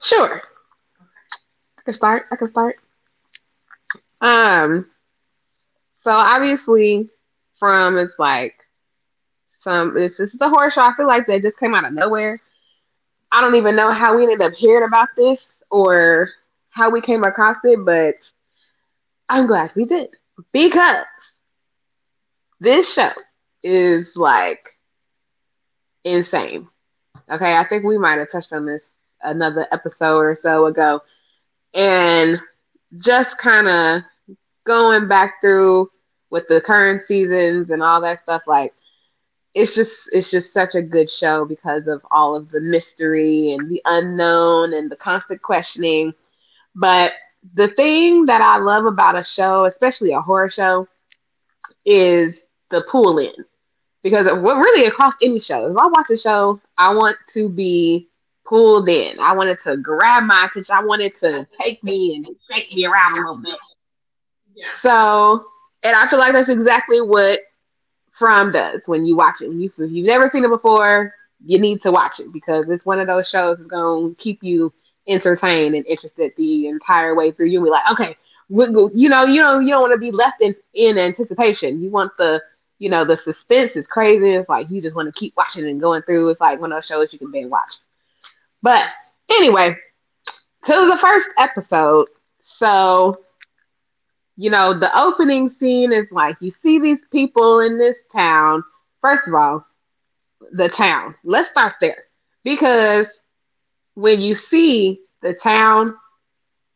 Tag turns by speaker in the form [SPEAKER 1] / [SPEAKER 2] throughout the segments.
[SPEAKER 1] Sure. I can start. Um, so obviously From is like some this, is the horror show. I feel like that just came out of nowhere. I don't even know how we ended up hearing about this or how we came across it, but I'm glad we did. Because this show is like insane. Okay, I think we might have touched on this another episode or so ago. And just kind of going back through with the current seasons and all that stuff, like it's just such a good show because of all of the mystery and the unknown and the constant questioning. But the thing that I love about a show, especially a horror show, is the pull in. Because of what really across any show, if I watch a show, I want to be pulled in. I wanted to grab my attention. I wanted to take me and shake me around a little bit. Yeah. So, and I feel like that's exactly what From does when you watch it. When you, if you've never seen it before, you need to watch it because it's one of those shows that's going to keep you entertained and interested the entire way through. You'll be like, okay, you don't want to be left in anticipation. You want the suspense is crazy. It's like you just want to keep watching and going through. It's like one of those shows you can binge watch. But anyway, to the first episode. So the opening scene is like you see these people in this town. First of all, the town. Let's start there. Because when you see the town,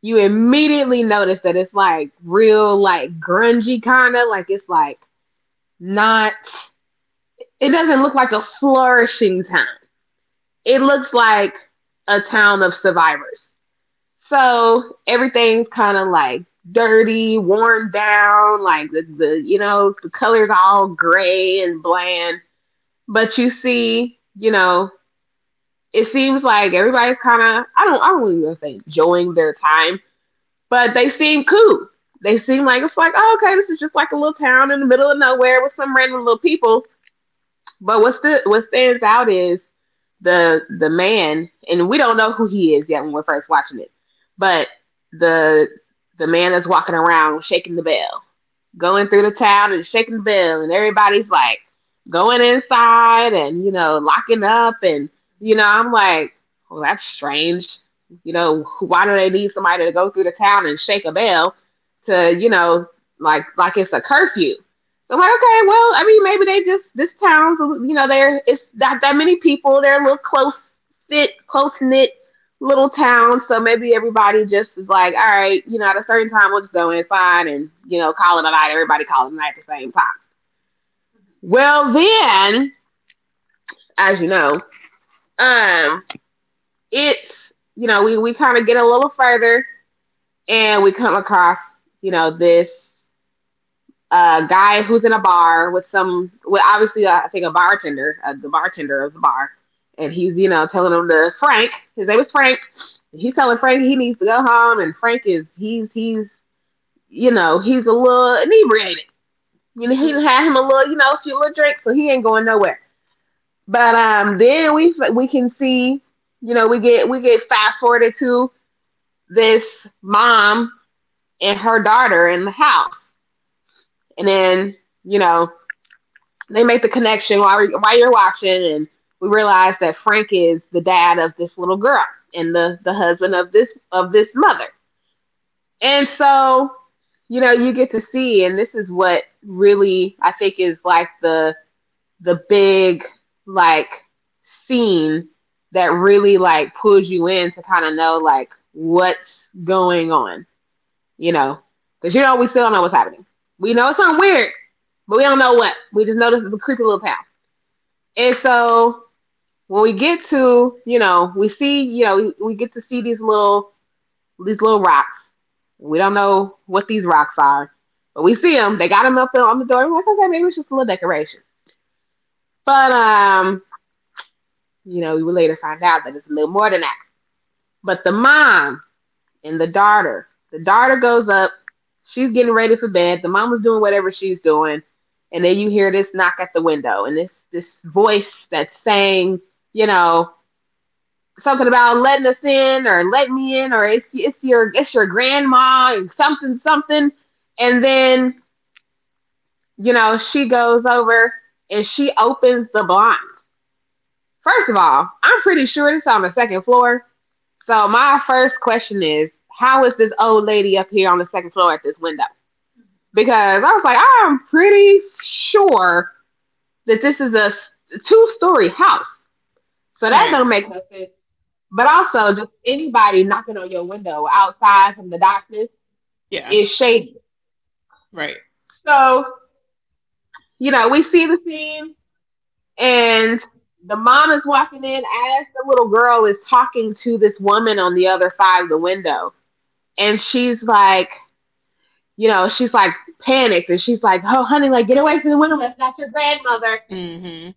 [SPEAKER 1] you immediately notice that it's like real, like grungy kind of. Like it's like not, it doesn't look like a flourishing town. It looks like a town of survivors. So everything's kind of like dirty, worn down, like the the color's all gray and bland. But you see, it seems like everybody's kind of I don't even gonna say enjoying their time, but they seem cool. They seem like it's like oh, okay, this is just like a little town in the middle of nowhere with some random little people. But what stands out is the man, and we don't know who he is yet when we're first watching it, but the the man that's walking around shaking the bell, going through the town and shaking the bell, and everybody's like going inside and you know locking up, and I'm like, well, that's strange. You know, why do they need somebody to go through the town and shake a bell to like it's a curfew. I'm like, okay, well, I mean, maybe they just this town's, you know, there, it's not that many people. They're a close knit little town, so maybe everybody just is like, all right, you know, at a certain time we'll just go inside and you know call it a night. Everybody call it a night at the same time. Well, then, as you know, um, it's you know we kind of get a little further and we come across this a guy who's in a bar with obviously I think a bartender, the bartender of the bar, and he's you know telling him to. Frank. His name is Frank. He's telling Frank he needs to go home, and Frank is he's you know he's a little inebriated. You know he had him a little you know a few little drinks, so he ain't going nowhere. But then we can see you know we get fast forwarded to this mom and her daughter in the house, and then you know they make the connection while you're watching, and we realize that Frank is the dad of this little girl and the husband of this mother. And so, you know, you get to see, and this is what really I think is like the big like scene that really like pulls you in to kind of know like what's going on, you know, because you know we still don't know what's happening. We know it's something weird, but we don't know what. We just know this is a creepy little town. And so when we get to, you know, we see, you know, we get to see these little rocks. We don't know what these rocks are, but we see them. They got them up on the door. We're like, okay, maybe it's just a little decoration. But you know, we will later find out that it's a little more than that. But the mom and the daughter goes up. She's getting ready for bed. The mom is doing whatever she's doing, and then you hear this knock at the window and this voice that's saying, you know, something about letting us in or let me in or it's your grandma and something something, and then you know she goes over and she opens the blinds. First of all, I'm pretty sure it's on the second floor. So my first question is, how is this old lady up here on the second floor at this window? Because I was like, I'm pretty sure that this is a two-story house, so that don't make
[SPEAKER 2] Right.
[SPEAKER 1] no sense. But also, just anybody knocking on your window outside from the darkness
[SPEAKER 2] Yeah.
[SPEAKER 1] is shady.
[SPEAKER 2] Right.
[SPEAKER 1] So, you know, we see the scene, and the mom is walking in as the little girl is talking to this woman on the other side of the window. And she's like, you know, she's like panicked and she's like, oh, honey, like, get away from the window. That's not your grandmother.
[SPEAKER 2] Mm-hmm.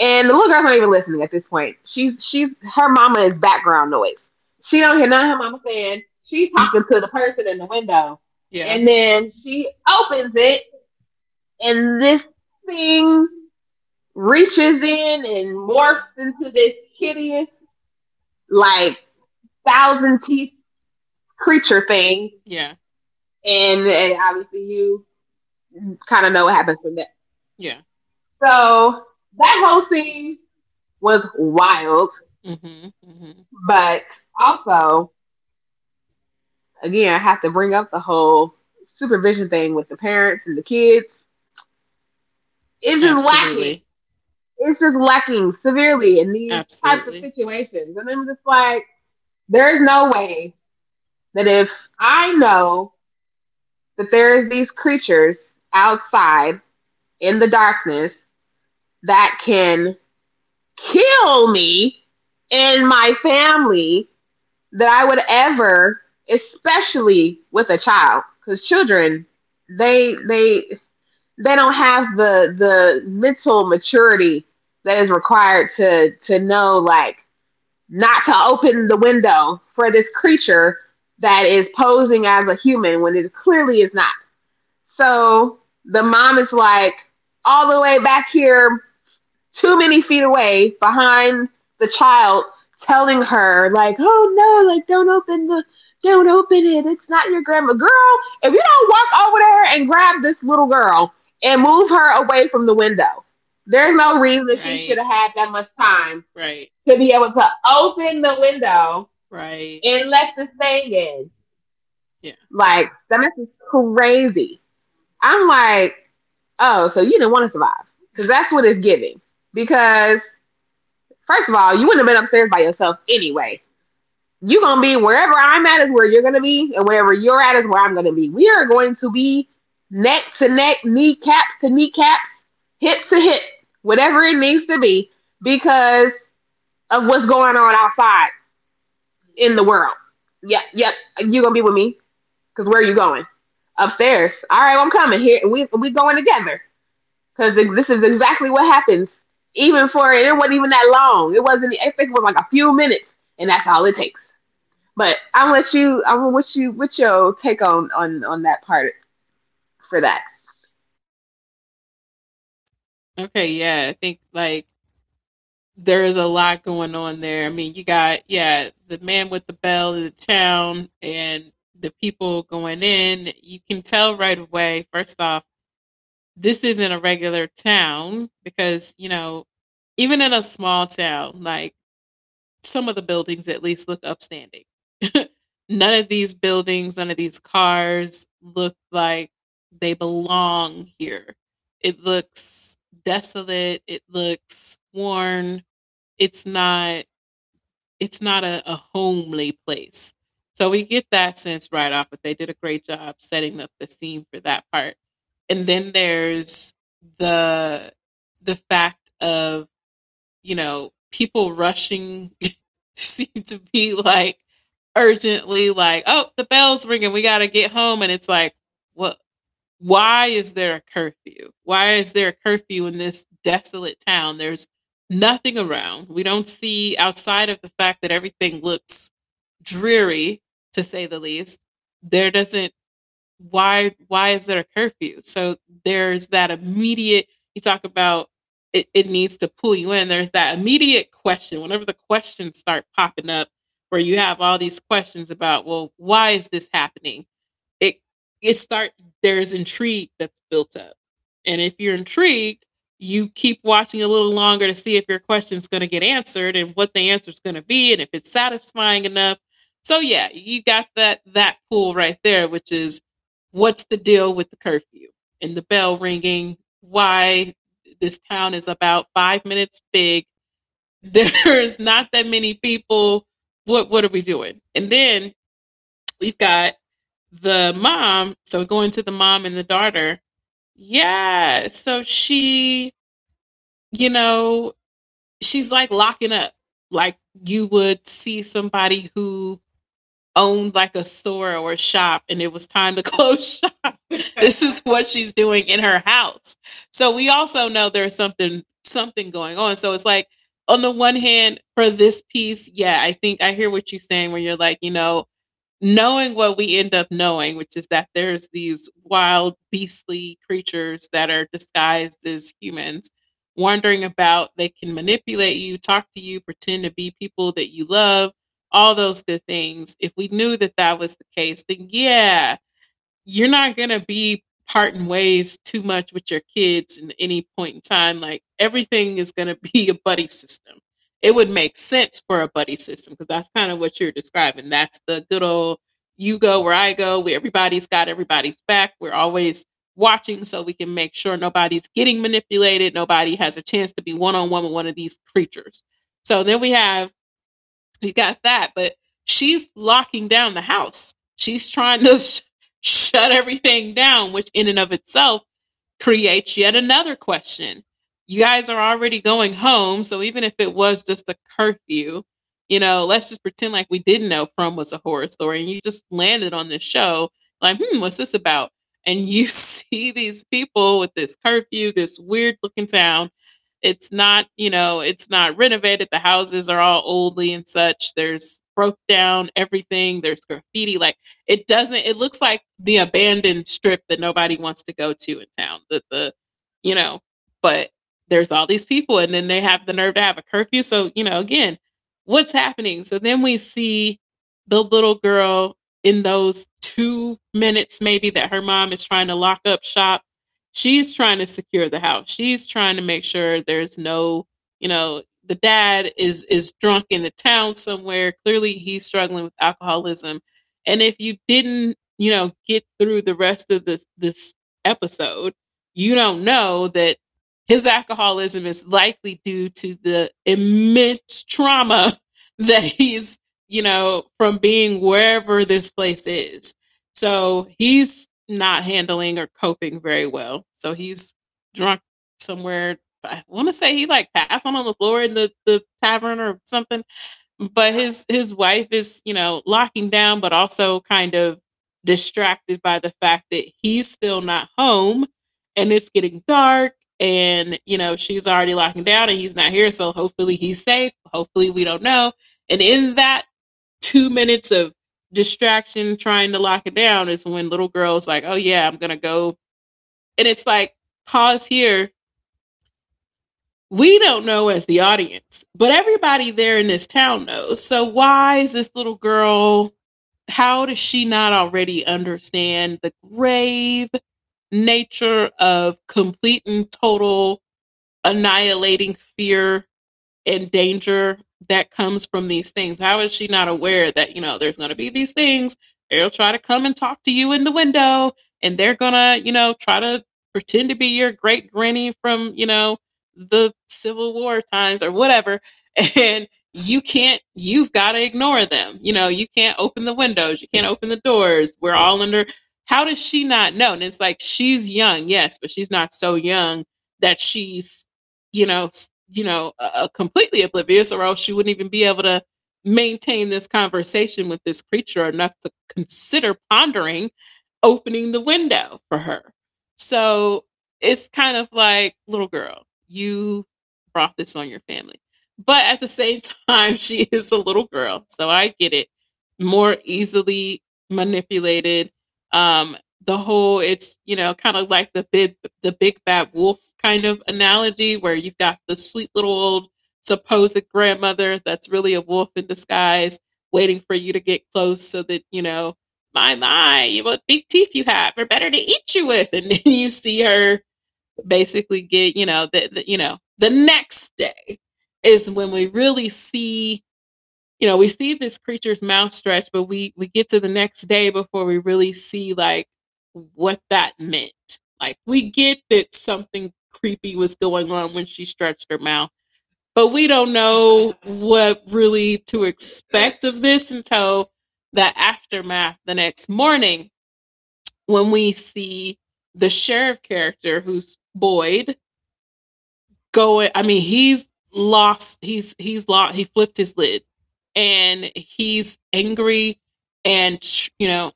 [SPEAKER 1] And the little girl's not even listening at this point. She's her mama is background noise. She don't hear none of her mama saying. She's talking to the person in the window.
[SPEAKER 2] Yeah.
[SPEAKER 1] And then she opens it and this thing reaches in and morphs into this hideous, like thousand teeth creature thing.
[SPEAKER 2] Yeah.
[SPEAKER 1] And obviously you kinda know what happens from that.
[SPEAKER 2] Yeah.
[SPEAKER 1] So that whole scene was wild,
[SPEAKER 2] Mm-hmm. Hmm.
[SPEAKER 1] but also again, I have to bring up the whole supervision thing with the parents and the kids. It's just lacking.
[SPEAKER 2] Absolutely.
[SPEAKER 1] It's just lacking severely in these types of
[SPEAKER 2] Absolutely.
[SPEAKER 1] situations. And I'm just like, there is no way that if I know that there is these creatures outside in the darkness that can kill me and my family, that I would ever, especially with a child, because children, they they don't have the mental maturity that is required to know like not to open the window for this creature that is posing as a human when it clearly is not. So the mom is like all the way back here, too many feet away behind the child, telling her like, "Oh no, like don't open the don't open it. It's not your grandma." Girl, if you don't walk over there and grab this little girl and move her away from the window, there's no reason she should have had
[SPEAKER 2] Right.
[SPEAKER 1] that much time
[SPEAKER 2] Right.
[SPEAKER 1] to be able to open the window
[SPEAKER 2] Right.
[SPEAKER 1] and let this thing in.
[SPEAKER 2] Yeah.
[SPEAKER 1] Like, that is crazy. I'm like, oh, so you didn't want to survive, because that's what it's giving. Because first of all, you wouldn't have been upstairs by yourself anyway. You're gonna be wherever I'm at is where you're gonna be, and wherever you're at is where I'm gonna be. We are going to be neck to neck, kneecaps to kneecaps, hip to hip, whatever it needs to be, because of what's going on outside in the world. Yep, yep. You're gonna be with me, cause where are you going? Upstairs. All right, well, I'm coming here. We going together. Because this is exactly what happens. Even for it it wasn't even that long. It wasn't. I think it was like a few minutes, and that's all it takes. But I'm gonna let you. What's your take on that part for that?
[SPEAKER 2] Okay, yeah, I think like there's a lot going on there. I mean, you got yeah, the man with the bell in the town and the people going in. You can tell right away. First off, this isn't a regular town because, you know, even in a small town, like some of the buildings at least look upstanding. None of these buildings, none of these cars look like they belong here. It looks desolate, it looks worn. It's not a homely place. So we get that sense right off, but they did a great job setting up the scene for that part. And then there's the the fact of, you know, people rushing seem to be like urgently like, "Oh, the bell's ringing. We got to get home." And it's like, "What why is there a curfew? Why is there a curfew in this desolate town? There's nothing around. We don't see outside of the fact that everything looks dreary to say the least. There doesn't why is there a curfew? So there's that immediate you talk about it needs to pull you in. There's that immediate question. Whenever the questions start popping up where you have all these questions about, well, why is this happening? it it start there's intrigue that's built up. And if you're intrigued, you keep watching a little longer to see if your question's going to get answered and what the answer's going to be and if it's satisfying enough. So yeah, you got that pool right there, which is what's the deal with the curfew and the bell ringing, why this town is about 5 minutes big. There's not that many people. What are we doing? And then we've got the mom, so going to the mom and the daughter. Yeah. So she, you know, she's like locking up, like you would see somebody who owned like a store or a shop and it was time to close shop. This is what she's doing in her house. So we also know there's something going on. So it's like on the one hand for this piece, yeah, I think I hear what you're saying where you're like, you know, knowing what we end up knowing, which is that there's these wild, beastly creatures that are disguised as humans, wandering about. They can manipulate you, talk to you, pretend to be people that you love, all those good things. If we knew that that was the case, then yeah, you're not gonna be parting ways too much with your kids in any point in time. Like everything is gonna be a buddy system. It would make sense for a buddy system because that's kind of what you're describing. That's the good old you go where I go, where everybody's got everybody's back. We're always watching so we can make sure nobody's getting manipulated, nobody has a chance to be one on one with one of these creatures. So then we have he's got that, but she's locking down the house. She's trying to shut everything down, which in and of itself creates yet another question. You guys are already going home, so even if it was just a curfew, you know, let's just pretend like we didn't know From was a horror story and you just landed on this show, like, hmm, what's this about? And you see these people with this curfew, this weird looking town. It's not, you know, it's not renovated. The houses are all oldly and such. There's broke down everything. There's graffiti. Like it doesn't. It looks like the abandoned strip that nobody wants to go to in town. That the you know, but there's all these people, and then they have the nerve to have a curfew. So you know, again, what's happening? So then we see the little girl in those 2 minutes maybe that her mom is trying to lock up shop, she's trying to secure the house, she's trying to make sure there's no, you know, the dad is drunk in the town somewhere, clearly he's struggling with alcoholism. And if you didn't, you know, get through the rest of this episode, you don't know that his alcoholism is likely due to the immense trauma that he's, you know, from being wherever this place is. So he's not handling or coping very well. So he's drunk somewhere. I want to say he like passed on the floor in the tavern or something, but his wife is, you know, locking down, but also kind of distracted by the fact that he's still not home and it's getting dark, and you know she's already locking down and he's not here, so hopefully he's safe, hopefully, we don't know. And in that 2 minutes of distraction trying to lock it down is when little girl's like, oh yeah, I'm gonna go. And it's like pause here, we don't know as the audience, but everybody there in this town knows. So why is this little girl, how does she not already understand the grave nature of complete and total annihilating fear and danger that comes from these things. How is she not aware that, you know, there's going to be these things? They'll try to come and talk to you in the window and they're going to, you know, try to pretend to be your great granny from, you know, the Civil War times or whatever. And you can't, you've got to ignore them. You know, you can't open the windows, you can't open the doors. We're all under. How does she not know? And it's like she's young, yes, but she's not so young that she's you know, you know, completely oblivious, or else she wouldn't even be able to maintain this conversation with this creature enough to consider pondering opening the window for her. So it's kind of like, little girl, you brought this on your family. But at the same time, she is a little girl, so I get it. More easily manipulated, um, the whole it's, you know, kind of like the big bad wolf kind of analogy where you've got the sweet little old supposed grandmother that's really a wolf in disguise waiting for you to get close so that, you know, my, what big teeth you have, are better to eat you with. And then you see her basically get, you know, the, you know, the next day is when we really see, you know, we see this creature's mouth stretch, but we get to the next day before we really see like what that meant. Like we get that something creepy was going on when she stretched her mouth, but we don't know what really to expect of this until the aftermath the next morning when we see the sheriff character who's Boyd going. I mean, he's lost. He's lost. He flipped his lid, and he's angry. And you know,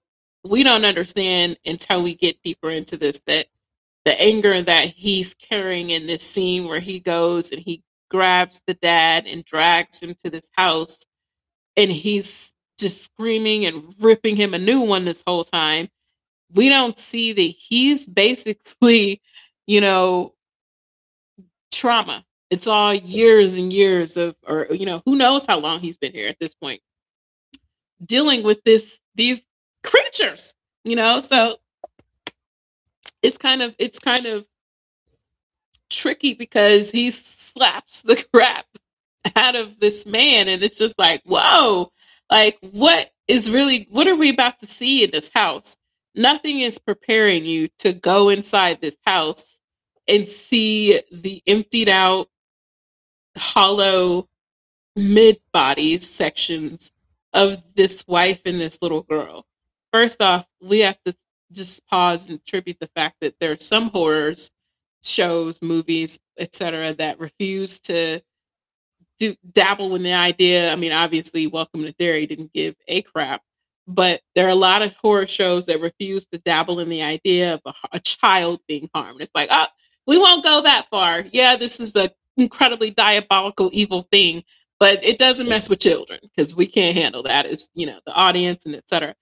[SPEAKER 2] we don't understand until we get deeper into this that the anger that he's carrying in this scene where he goes and he grabs the dad and drags him to this house and he's just screaming and ripping him a new one this whole time. We don't see that he's basically, you know, trauma. It's all years and years of, or you know, who knows how long he's been here at this point, dealing with this these creatures. You know, so it's kind of tricky because he slaps the crap out of this man, and it's just like, whoa, like what is really what are we about to see in this house? Nothing is preparing you to go inside this house and see the emptied out, hollow mid body sections of this wife and this little girl. First off, we have to just pause and attribute the fact that there are some horrors shows, movies, etc., that refuse to dabble in the idea. I mean, obviously, Welcome to Derry didn't give a crap, but there are a lot of horror shows that refuse to dabble in the idea of a child being harmed. It's like, oh, we won't go that far. Yeah, this is the incredibly diabolical, evil thing, but it doesn't mess with children because we can't handle that as you know the audience and et cetera.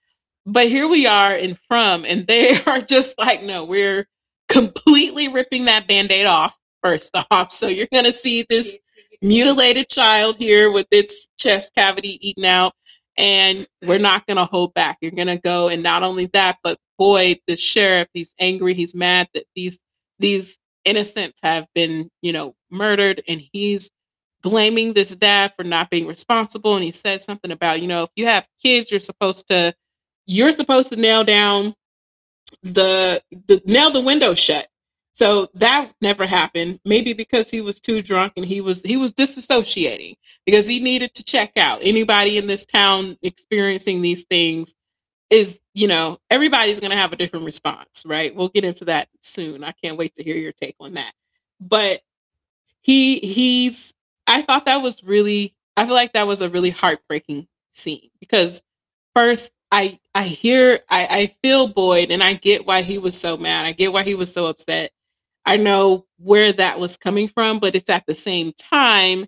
[SPEAKER 2] But here we are in From, and they are just like, no, we're completely ripping that band aid off first off. So you're going to see this mutilated child here with its chest cavity eaten out and we're not going to hold back. You're going to go and not only that, but Boyd, the sheriff, he's angry, he's mad that these innocents have been, murdered, and he's blaming this dad for not being responsible. And he said something about, if you have kids, you're supposed to you're supposed to nail down the nail the window shut. So that never happened. Maybe because he was too drunk, and he was disassociating because he needed to check out. Anybody in this town experiencing these things everybody's going to have a different response, right? We'll get into that soon. I can't wait to hear your take on that. But he he's I thought that was really I feel like that was a really heartbreaking scene, because first I feel Boyd, and I get why he was so mad. I get why he was so upset. I know where that was coming from, but it's at the same time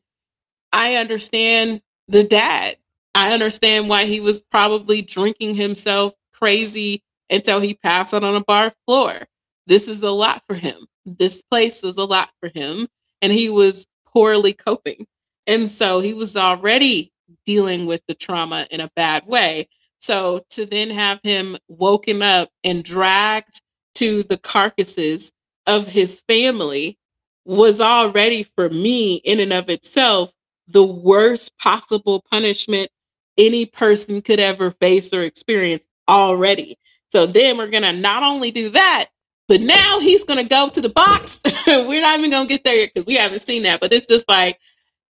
[SPEAKER 2] I understand the dad. I understand why he was probably drinking himself crazy until he passed out on a bar floor. This is a lot for him. This place is a lot for him. And he was poorly coping. And so he was already dealing with the trauma in a bad way. So to then have him woken up and dragged to the carcasses of his family was already, for me, in and of itself, the worst possible punishment any person could ever face or experience already. So then we're gonna not only do that, but now he's gonna go to the box. We're not even gonna get there yet because we haven't seen that. But it's just like,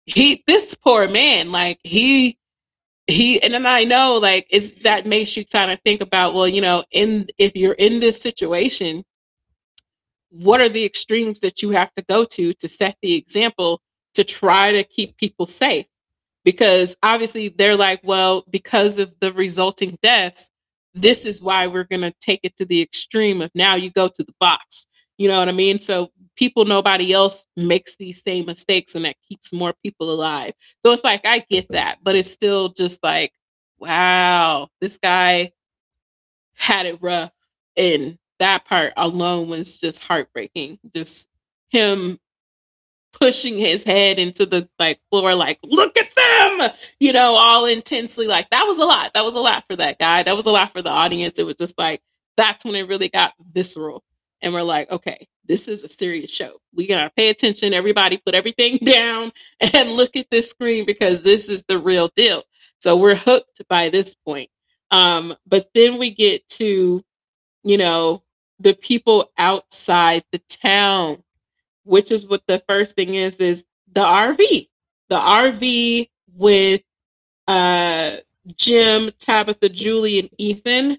[SPEAKER 2] he, this poor man, like and then I know, like, it's that makes you kind of think about, well, in if you're in this situation, what are the extremes that you have to go to set the example, to try to keep people safe? Because obviously they're like, well, because of the resulting deaths, this is why we're going to take it to the extreme of, now you go to the box. You know what I mean? So people, nobody else makes these same mistakes, and that keeps more people alive. So it's like, I get that, but it's still just like, wow, this guy had it rough. And that part alone was just heartbreaking. Just him pushing his head into the, like, floor, like, look at them, all intensely. Like, that was a lot. That was a lot for that guy. That was a lot for the audience. It was just like, that's when it really got visceral, and we're like, okay, this is a serious show. We gotta pay attention. Everybody put everything down and look at this screen, because this is the real deal. So we're hooked by this point. But then we get to, you know the people outside the town, which is what the first thing is the RV. The RV with uh Jim, Tabitha, Julie, and Ethan.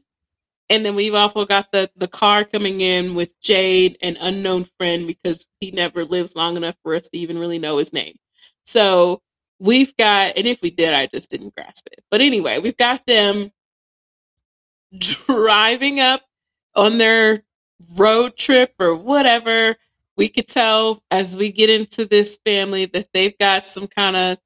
[SPEAKER 2] And then we've also got the car coming in with Jade, an unknown friend, because he never lives long enough for us to even really know his name. So we've got, and if we did, I just didn't grasp it. But anyway, we've got them driving up on their road trip or whatever. We could tell as we get into this family that they've got some kind of,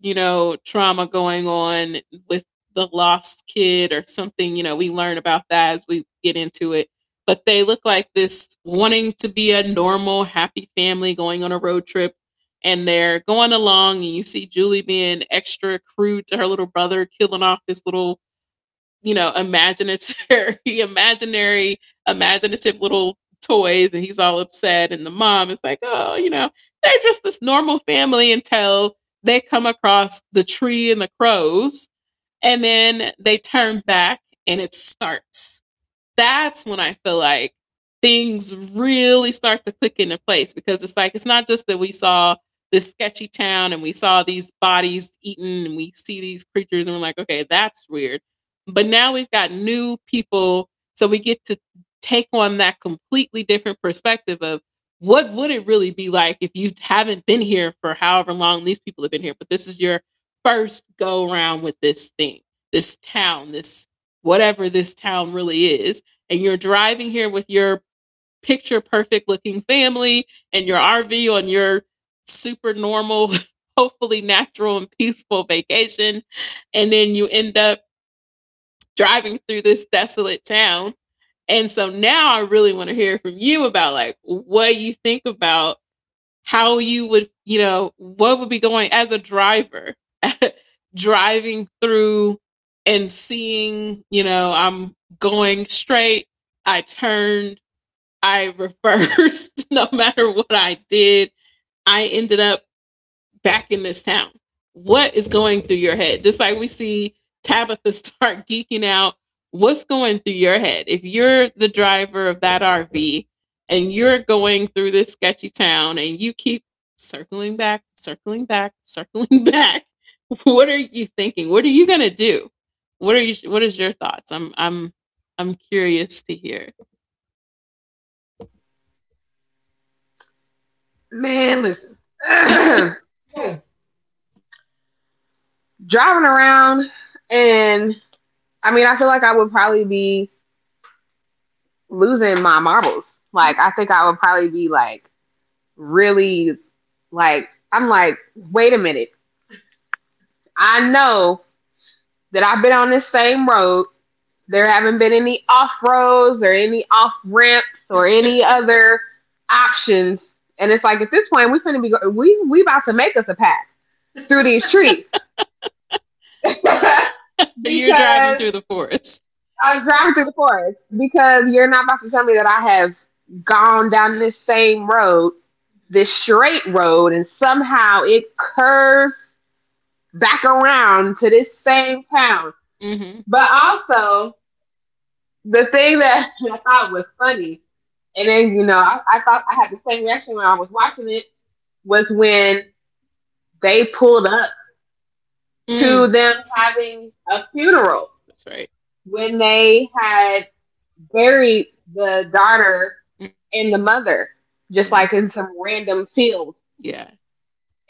[SPEAKER 2] trauma going on with the lost kid or something. We learn about that as we get into it. But they look like this wanting to be a normal, happy family going on a road trip. And they're going along, and you see Julie being extra crude to her little brother, killing off his little, imaginary, imaginary, imaginative little toys, and he's all upset. And the mom is like, oh, they're just this normal family until they come across the tree and the crows. And then they turn back, and it starts. That's when I feel like things really start to click into place, because it's like, it's not just that we saw this sketchy town and we saw these bodies eaten and we see these creatures and we're like, okay, that's weird. But now we've got new people, so we get to take on that completely different perspective of, what would it really be like if you haven't been here for however long these people have been here, but this is your first go around with this thing, this town, this, whatever this town really is, and you're driving here with your picture perfect looking family and your RV on your super normal, hopefully natural and peaceful vacation. And then you end up driving through this desolate town. And so now I really want to hear from you about, like, what you think about how you would, what would be going as a driver, driving through and seeing, I'm going straight. I turned, I reversed, no matter what I did, I ended up back in this town. What is going through your head? Just like we see Tabitha start geeking out, what's going through your head? If you're the driver of that RV, and you're going through this sketchy town, and you keep circling back, circling back, what are you thinking? What are you going to do? What is your thoughts? I'm curious to hear.
[SPEAKER 1] Man, listen. Driving around, and I mean, I feel like I would probably be losing my marbles. Like, I think I would probably be like really, like I'm like, wait a minute. I know that I've been on this same road. There haven't been any off roads or any off ramps or any other options. And it's like at this point we're gonna be go- we about to make us a path through these trees because
[SPEAKER 2] Because you're
[SPEAKER 1] I'm
[SPEAKER 2] driving through the forest.
[SPEAKER 1] driving through the forest because you're not about to tell me that I have gone down this same road, this straight road, and somehow it curves back around to this same town.
[SPEAKER 2] Mm-hmm.
[SPEAKER 1] But also the thing that I thought was funny. And then, I thought I had the same reaction when I was watching it was when they pulled up to them having a funeral,
[SPEAKER 2] That's right.
[SPEAKER 1] when they had buried the daughter and the mother, just like in some random field.
[SPEAKER 2] Yeah.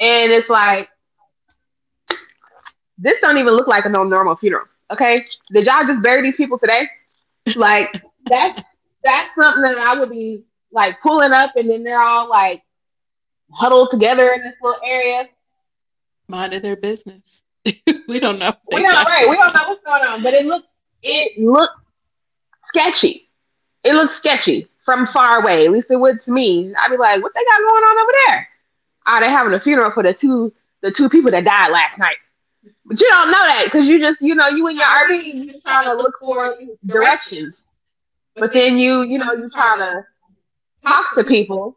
[SPEAKER 1] And it's like, this don't even look like a no normal funeral. Okay? Did y'all just bury these people today? Like that's that's something that I would be like, pulling up, and then they're all like huddled together in this little area.
[SPEAKER 2] Mind of their business. We don't know.
[SPEAKER 1] We don't. All
[SPEAKER 2] What.
[SPEAKER 1] right. We don't know what's going on, but it looked sketchy. It looked sketchy from far away. At least it would to me. I'd be like, what they got going on over there? Oh, they're having a funeral for the two people that died last night. But you don't know that because you just, you know, you in your RV, you just trying to look for directions. But then you know you try to talk to people,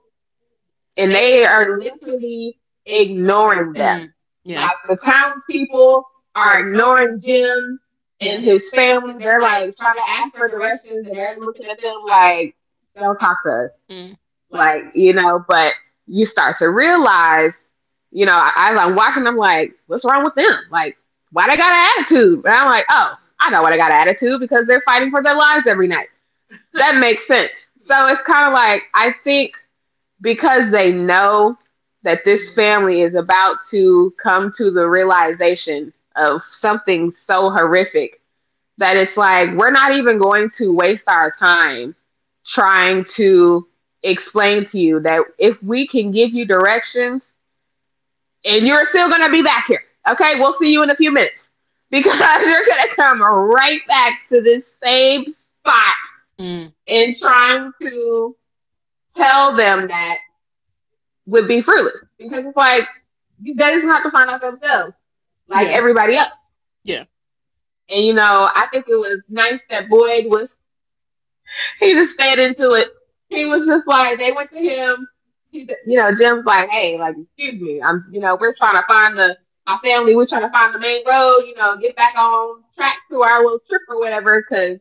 [SPEAKER 1] and they are literally ignoring them. Like the townspeople are ignoring Jim and his family. They're like trying to ask for directions, and they're looking at them like, "Don't talk to us."
[SPEAKER 2] Mm.
[SPEAKER 1] Like, you know, but you start to realize, you know, as I'm watching, I'm like, "What's wrong with them? Like, why they got an attitude?" And I'm like, "Oh, I know why they got an attitude, because they're fighting for their lives every night." That makes sense. So it's kind of like, I think because they know that this family is about to come to the realization of something so horrific that it's like, we're not even going to waste our time trying to explain to you that if we can give you directions and you're still going to be back here. Okay, we'll see you in a few minutes because you're going to come right back to this same spot,
[SPEAKER 2] Mm.
[SPEAKER 1] and trying to tell them that would be fruitless, because it's like they just have to find out themselves, like everybody else.
[SPEAKER 2] Yeah.
[SPEAKER 1] And you know, I think it was nice that Boyd was he just fed into it. He was just like, they went to him. You know, Jim's like, hey, like, excuse me, I'm, you know, we're trying to find the, my family. We're trying to find the main road. You know, get back on track to our little trip or whatever. Because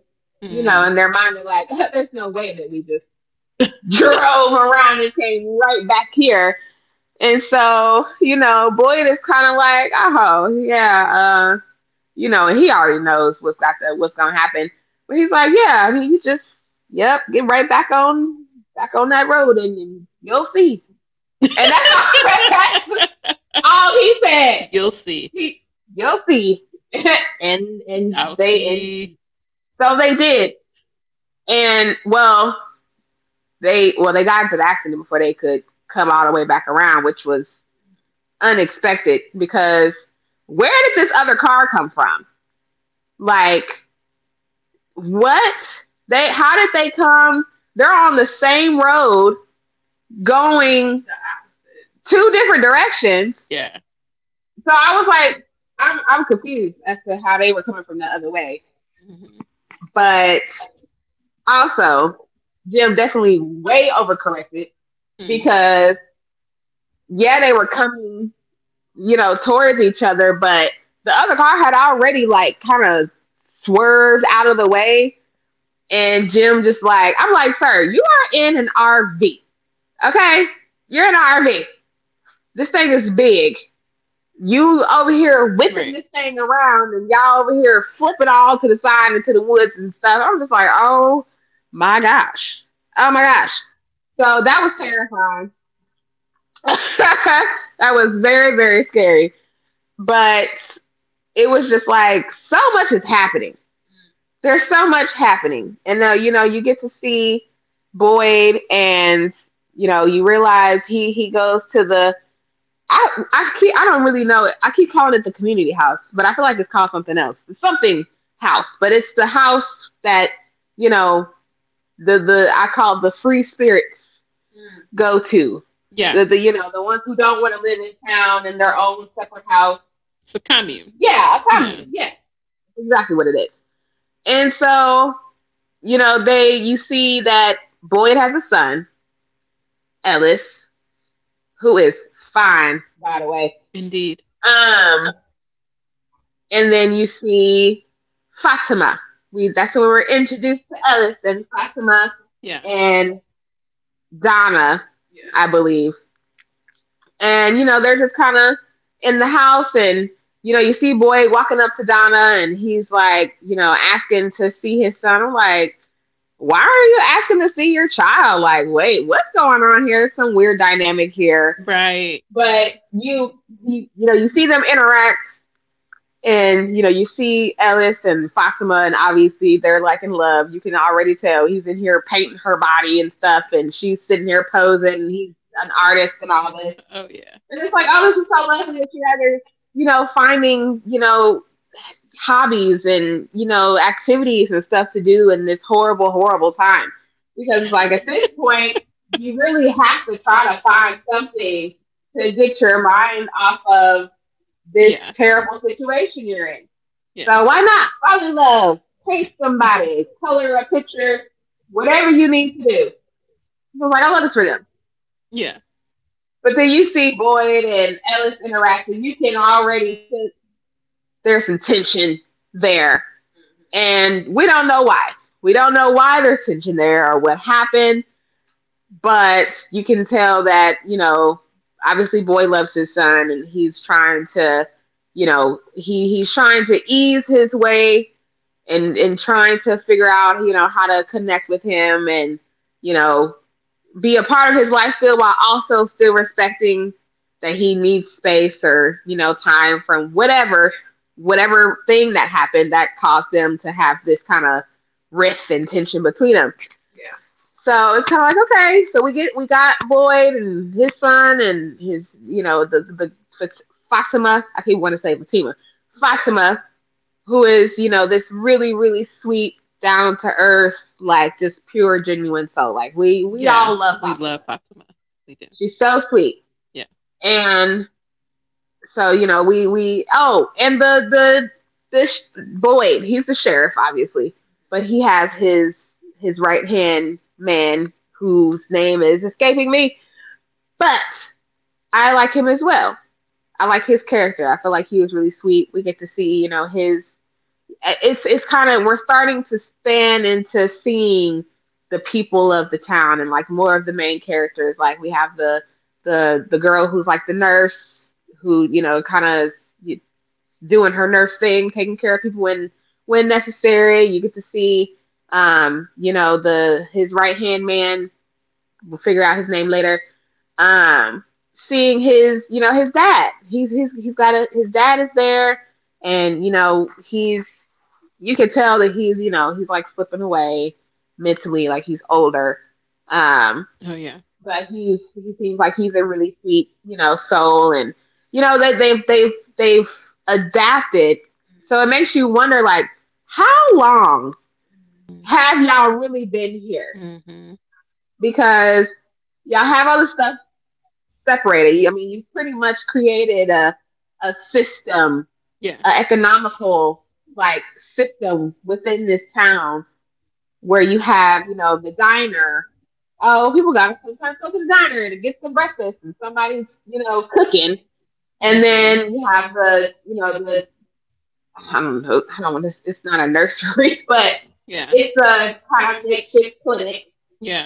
[SPEAKER 1] you
[SPEAKER 2] Mm.
[SPEAKER 1] know, in their mind, they're like, there's no way that we just drove around and came right back here. And so, you know, Boyd is kind of like, oh, yeah, you know, and he already knows what's got to, what's gonna happen. But he's like, yeah, I mean, you just, yep, get right back on, back on that road, and you'll see. And that's all, that's all he
[SPEAKER 2] That's.
[SPEAKER 1] said.
[SPEAKER 2] You'll see.
[SPEAKER 1] He, you'll see. and and they and
[SPEAKER 2] See.
[SPEAKER 1] so they did. And well, they got into the accident before they could come all the way back around, which was unexpected because where did this other car come from? Like, what? They, how did they come? They're on the same road going two different directions.
[SPEAKER 2] Yeah.
[SPEAKER 1] So I was like, I'm confused as to how they were coming from the other way.
[SPEAKER 2] Mm-hmm.
[SPEAKER 1] But also, Jim definitely way overcorrected, because yeah, they were coming, you know, towards each other, but the other car had already like kind of swerved out of the way. And Jim just like, I'm like, sir, you are in an RV. Okay? You're in an RV. This thing is big. You over here whipping this thing around and y'all over here flipping all to the side and to the woods and stuff. I'm just like, oh my gosh. Oh my gosh. So that was terrifying. That was very, very scary. But it was just like, so much is happening, there's so much happening. And now, you know, you get to see Boyd, and, you know, you realize he goes to the, I, I keep, I don't really know it. I keep calling it the community house, but I feel like it's called something else. It's something house, but it's the house that, you know, I call the free spirits go to. You know, the ones who don't want to live in town in their own separate house.
[SPEAKER 2] It's a commune.
[SPEAKER 1] Yeah, a commune. Yeah, exactly what it is. And so, you know, they, you see that Boyd has a son, Ellis, who is fine, by the way.
[SPEAKER 2] Indeed.
[SPEAKER 1] Um, and then you see Fatima. We, that's when we were introduced to Ellis, then Fatima
[SPEAKER 2] Yeah.
[SPEAKER 1] and Donna, yeah. I believe. And you know, they're just kind of in the house, and you know, you see Boyd walking up to Donna, and he's like, you know, asking to see his son. I'm like, why are you asking to see your child? Like, wait, what's going on here? Some weird dynamic here.
[SPEAKER 2] Right.
[SPEAKER 1] But you know, you see them interact, and you know, you see Ellis and Fatima, and obviously they're like in love. You can already tell he's in here painting her body and stuff, and she's sitting here posing, and he's an artist and all this.
[SPEAKER 2] Oh yeah.
[SPEAKER 1] And it's like, oh, this is so lovely that you guys are, you know, finding, you know, hobbies and you know activities and stuff to do in this horrible horrible time, because like at this point you really have to try to find something to get your mind off of this terrible situation you're in.
[SPEAKER 2] Yeah.
[SPEAKER 1] So why not fall in love, paint somebody, color a picture, whatever you need to do. So like, I love this for them.
[SPEAKER 2] Yeah.
[SPEAKER 1] But then you see Boyd and Ellis interacting, you can already sense there's some tension there, and we don't know why. We don't know why there's tension there or what happened, but you can tell that, you know, obviously boy loves his son, and he's trying to, you know, he's trying to ease his way and trying to figure out, you know, how to connect with him and, you know, be a part of his life still, while also still respecting that he needs space or you know time from whatever whatever thing that happened that caused them to have this kind of rift and tension between them. So it's kind of like, okay, so we got Boyd and his son and his, you know, the Fatima, I keep want to say Fatima, Fatima, who is, you know, this really really sweet down to earth, like just pure genuine soul, like we all love.
[SPEAKER 2] Fatima. We do.
[SPEAKER 1] She's so sweet.
[SPEAKER 2] Yeah.
[SPEAKER 1] And so, you know, we oh, and the this Boyd, he's the sheriff, obviously, but he has his right hand man whose name is escaping me. But I like him as well. I like his character. I feel like he was really sweet. We get to see, you know, his, it's kind of, we're starting to span into seeing the people of the town and like more of the main characters. Like we have the the girl who's like the nurse, who you know kind of doing her nurse thing, taking care of people when necessary. You get to see you know the his right hand man. We'll figure out his name later. Um, Seeing his, you know, his dad. He's got a, his dad is there, and you know he's, you can tell that he's, you know he's like slipping away mentally, like he's older. Um,
[SPEAKER 2] Oh yeah.
[SPEAKER 1] but he seems like he's a really sweet, you know, soul, and you know they've they've adapted. So it makes you wonder, like, how long have y'all really been here?
[SPEAKER 2] Mm-hmm.
[SPEAKER 1] Because y'all have all the stuff separated. You- I mean, you pretty much created a system,
[SPEAKER 2] Yeah.
[SPEAKER 1] an economical like system within this town where you have, you know, the diner. Oh, people got to sometimes go to the diner to get some breakfast, and somebody's, you know, cooking. And
[SPEAKER 2] Mhm.
[SPEAKER 1] then you have the, you know, the, I don't know, I don't want to. It's not a nursery, but
[SPEAKER 2] Yeah.
[SPEAKER 1] it's a kind of makeshift clinic.
[SPEAKER 2] Yeah.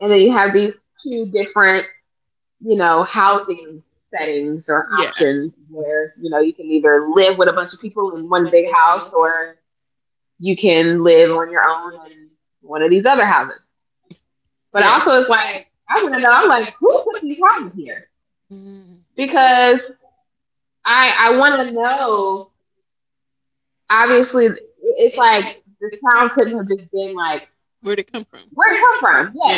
[SPEAKER 1] And then you have these two different, you know, housing settings or options where, you know, you can either live with a bunch of people in one big house, or you can live on your own in one of these other houses. But also it's like, I wanna know, I'm like, who put these houses here?
[SPEAKER 2] Mhm.
[SPEAKER 1] Because I wanna know, obviously it's like, this town couldn't have just been like,
[SPEAKER 2] Where'd it come from?
[SPEAKER 1] where it come from? Yes.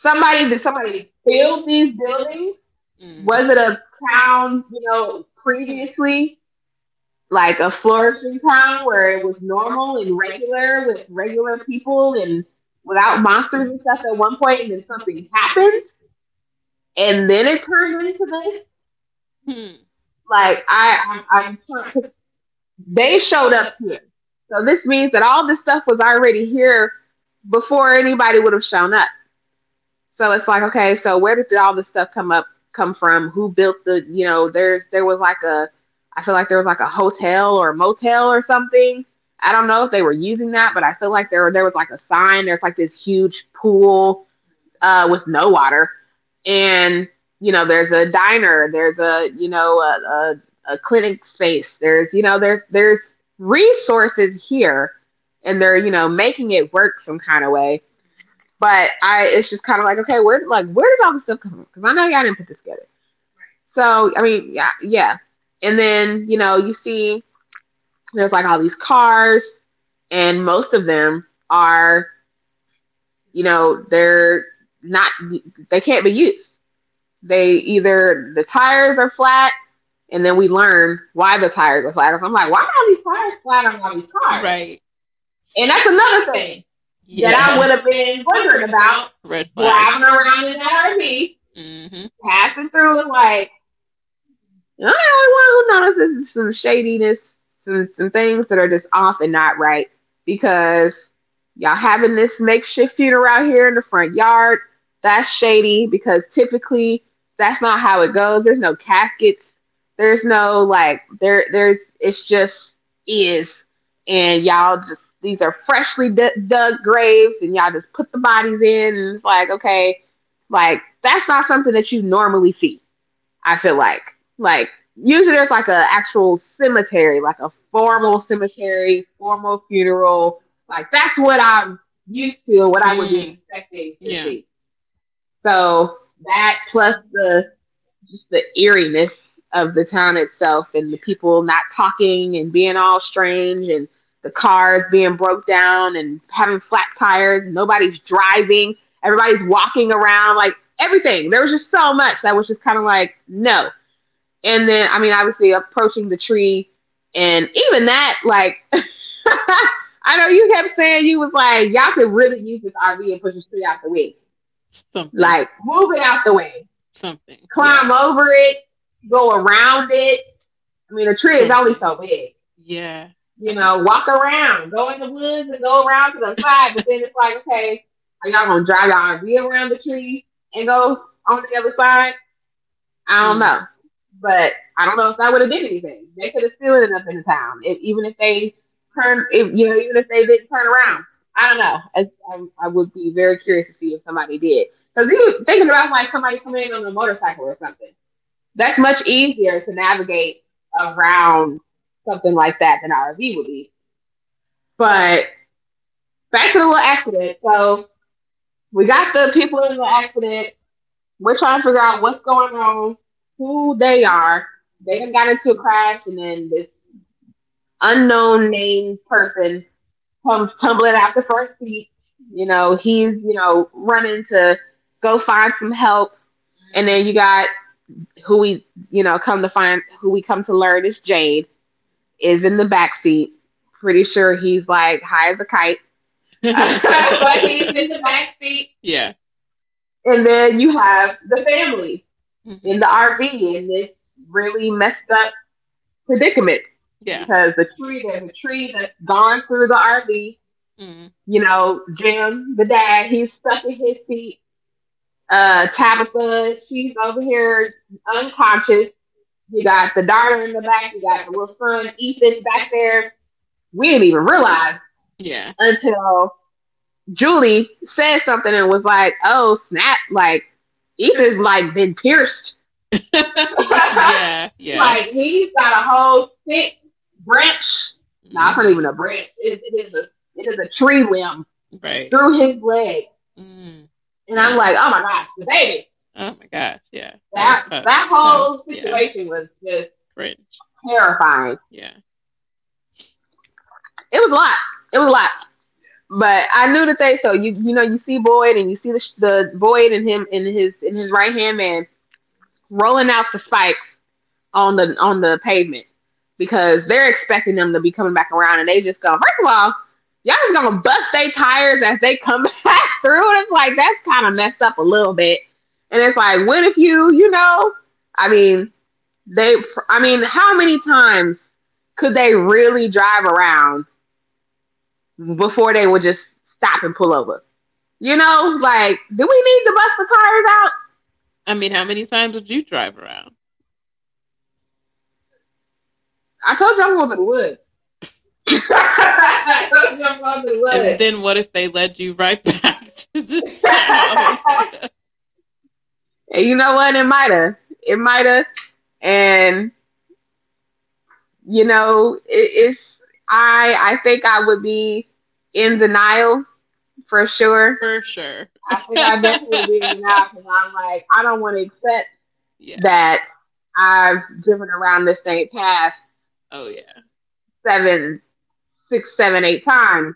[SPEAKER 1] Somebody did, somebody build these buildings?
[SPEAKER 2] Mm.
[SPEAKER 1] Was it a town, you know, previously? Like a flourishing town where it was normal and regular with regular people and without monsters and stuff at one point, and then something happens, and then it turned into this.
[SPEAKER 2] Hmm.
[SPEAKER 1] Like I'm trying. 'Cause they showed up here, so this means that all this stuff was already here before anybody would have shown up. So it's like, okay, so where did all this stuff come from? Who built the, there was like a. I feel like there was like a hotel or motel or something. I don't know if they were using that, but I feel like there was like a sign. There's like this huge pool with no water, and you know there's a diner, there's a clinic space. There's resources here, and they're making it work some kind of way. But it's just kind of like, okay, where, like, where did all this stuff come from? Because I know y'all didn't put this together. So, I mean, yeah, yeah. And then, you see there's like all these cars, and most of them are, you know, they're not, they can't be used. They either, the tires are flat, and then we learn why the tires are flat. 'Cause I'm like, why are all these tires flat on all these cars? And that's another thing that
[SPEAKER 2] Yeah.
[SPEAKER 1] I would have been
[SPEAKER 2] Yeah.
[SPEAKER 1] wondering about
[SPEAKER 2] Red.
[SPEAKER 1] driving around in that RV
[SPEAKER 2] Mm-hmm.
[SPEAKER 1] passing through and like, I'm the only one who notices some shadiness, some things that are just off and not right because y'all having this makeshift funeral out here in the front yard. That's shady because typically that's not how it goes. There's no caskets. There's no, like, there. There's, it's just is, and y'all just these are freshly dug graves, and y'all just put the bodies in, and it's like okay, like that's not something that you normally see. I feel like like usually there's like a actual cemetery, like a formal cemetery, formal funeral. Like that's what I'm used to and what I would be expecting
[SPEAKER 2] Mm.
[SPEAKER 1] to see. So that plus the just the eeriness of the town itself and the people not talking and being all strange and the cars being broke down and having flat tires, nobody's driving, everybody's walking around, like everything. There was just so much that was just kind of like, no, and then, I mean, obviously approaching the tree, and even that, like, I know you kept saying you was like, y'all could really use this RV and push this tree out the way.
[SPEAKER 2] Something.
[SPEAKER 1] Like, move it out the way,
[SPEAKER 2] Something.
[SPEAKER 1] climb
[SPEAKER 2] Yeah.
[SPEAKER 1] over it, go around it. I mean, the tree is only so big.
[SPEAKER 2] Yeah.
[SPEAKER 1] You know, walk around, go in the woods and go around to the side. But then it's like, okay, are y'all gonna drive y'all RV around the tree and go on the other side? I don't know, but I don't know if I would have did anything. They could have still ended up in the town, if, even if they turned, if, you know, even if they didn't turn around. I don't know. I would be very curious to see if somebody did. Because you thinking about like somebody coming in on a motorcycle or something, that's much easier to navigate around something like that than an RV would be. But back to the little accident. So we got the people in the accident. We're trying to figure out what's going on, who they are. They done got into a crash, and then this unknown named person comes tumbling out the front seat. You know, he's running to go find some help, and then you got who we come to find who we come to learn is Jade is in the back seat. Pretty sure he's like high as a kite,
[SPEAKER 2] But
[SPEAKER 1] but he's in the back seat.
[SPEAKER 2] yeah.
[SPEAKER 1] And then you have the family in
[SPEAKER 2] Mhm.
[SPEAKER 1] the RV in this really messed up predicament because the tree, there's a tree that's gone through the RV.
[SPEAKER 2] Mm.
[SPEAKER 1] You know, Jim, the dad, he's stuck in his seat. Tabitha, she's over here unconscious. You got the daughter in the back. You got the little son, Ethan, back there. We didn't even realize
[SPEAKER 2] Yeah.
[SPEAKER 1] until Julie said something and was like, oh, snap, like, Ethan's like been pierced.
[SPEAKER 2] Yeah, yeah.
[SPEAKER 1] Like he's got a whole thick branch. No, nah, it's
[SPEAKER 2] Mm,
[SPEAKER 1] not even a branch. It is a tree limb
[SPEAKER 2] right.
[SPEAKER 1] through his leg,
[SPEAKER 2] Mm.
[SPEAKER 1] and I'm like, oh my gosh, baby,
[SPEAKER 2] Oh my gosh. Yeah.
[SPEAKER 1] that
[SPEAKER 2] That.
[SPEAKER 1] that
[SPEAKER 2] Yeah.
[SPEAKER 1] whole situation was
[SPEAKER 2] Yeah.
[SPEAKER 1] just
[SPEAKER 2] Cringe.
[SPEAKER 1] terrifying.
[SPEAKER 2] Yeah.
[SPEAKER 1] It was a lot. It was a lot. But I knew that they, so you see Boyd and you see the Boyd and him in his right hand man rolling out the spikes on the pavement because they're expecting them to be coming back around and they just go, first of all, y'all just gonna bust their tires as they come back through. And it's like that's kind of messed up a little bit. And it's like, what if you, I mean, they, I mean, how many times could they really drive around before they would just stop and pull over? You know, like, do we need to bust the tires out?
[SPEAKER 2] I mean, how many times would you drive around?
[SPEAKER 1] I told you I'm going to the woods. I
[SPEAKER 2] So.
[SPEAKER 1] told you I'm going to the
[SPEAKER 2] And then what if they led you right back to
[SPEAKER 1] woods.
[SPEAKER 2] this town?
[SPEAKER 1] And you know what? It might have. It might have. And you know, it's I think I would be in denial for sure.
[SPEAKER 2] For sure.
[SPEAKER 1] I think I definitely would be in denial because I'm like, I don't want to accept
[SPEAKER 2] Yeah.
[SPEAKER 1] that I've driven around the same path
[SPEAKER 2] Oh yeah.
[SPEAKER 1] seven, six, seven, eight times,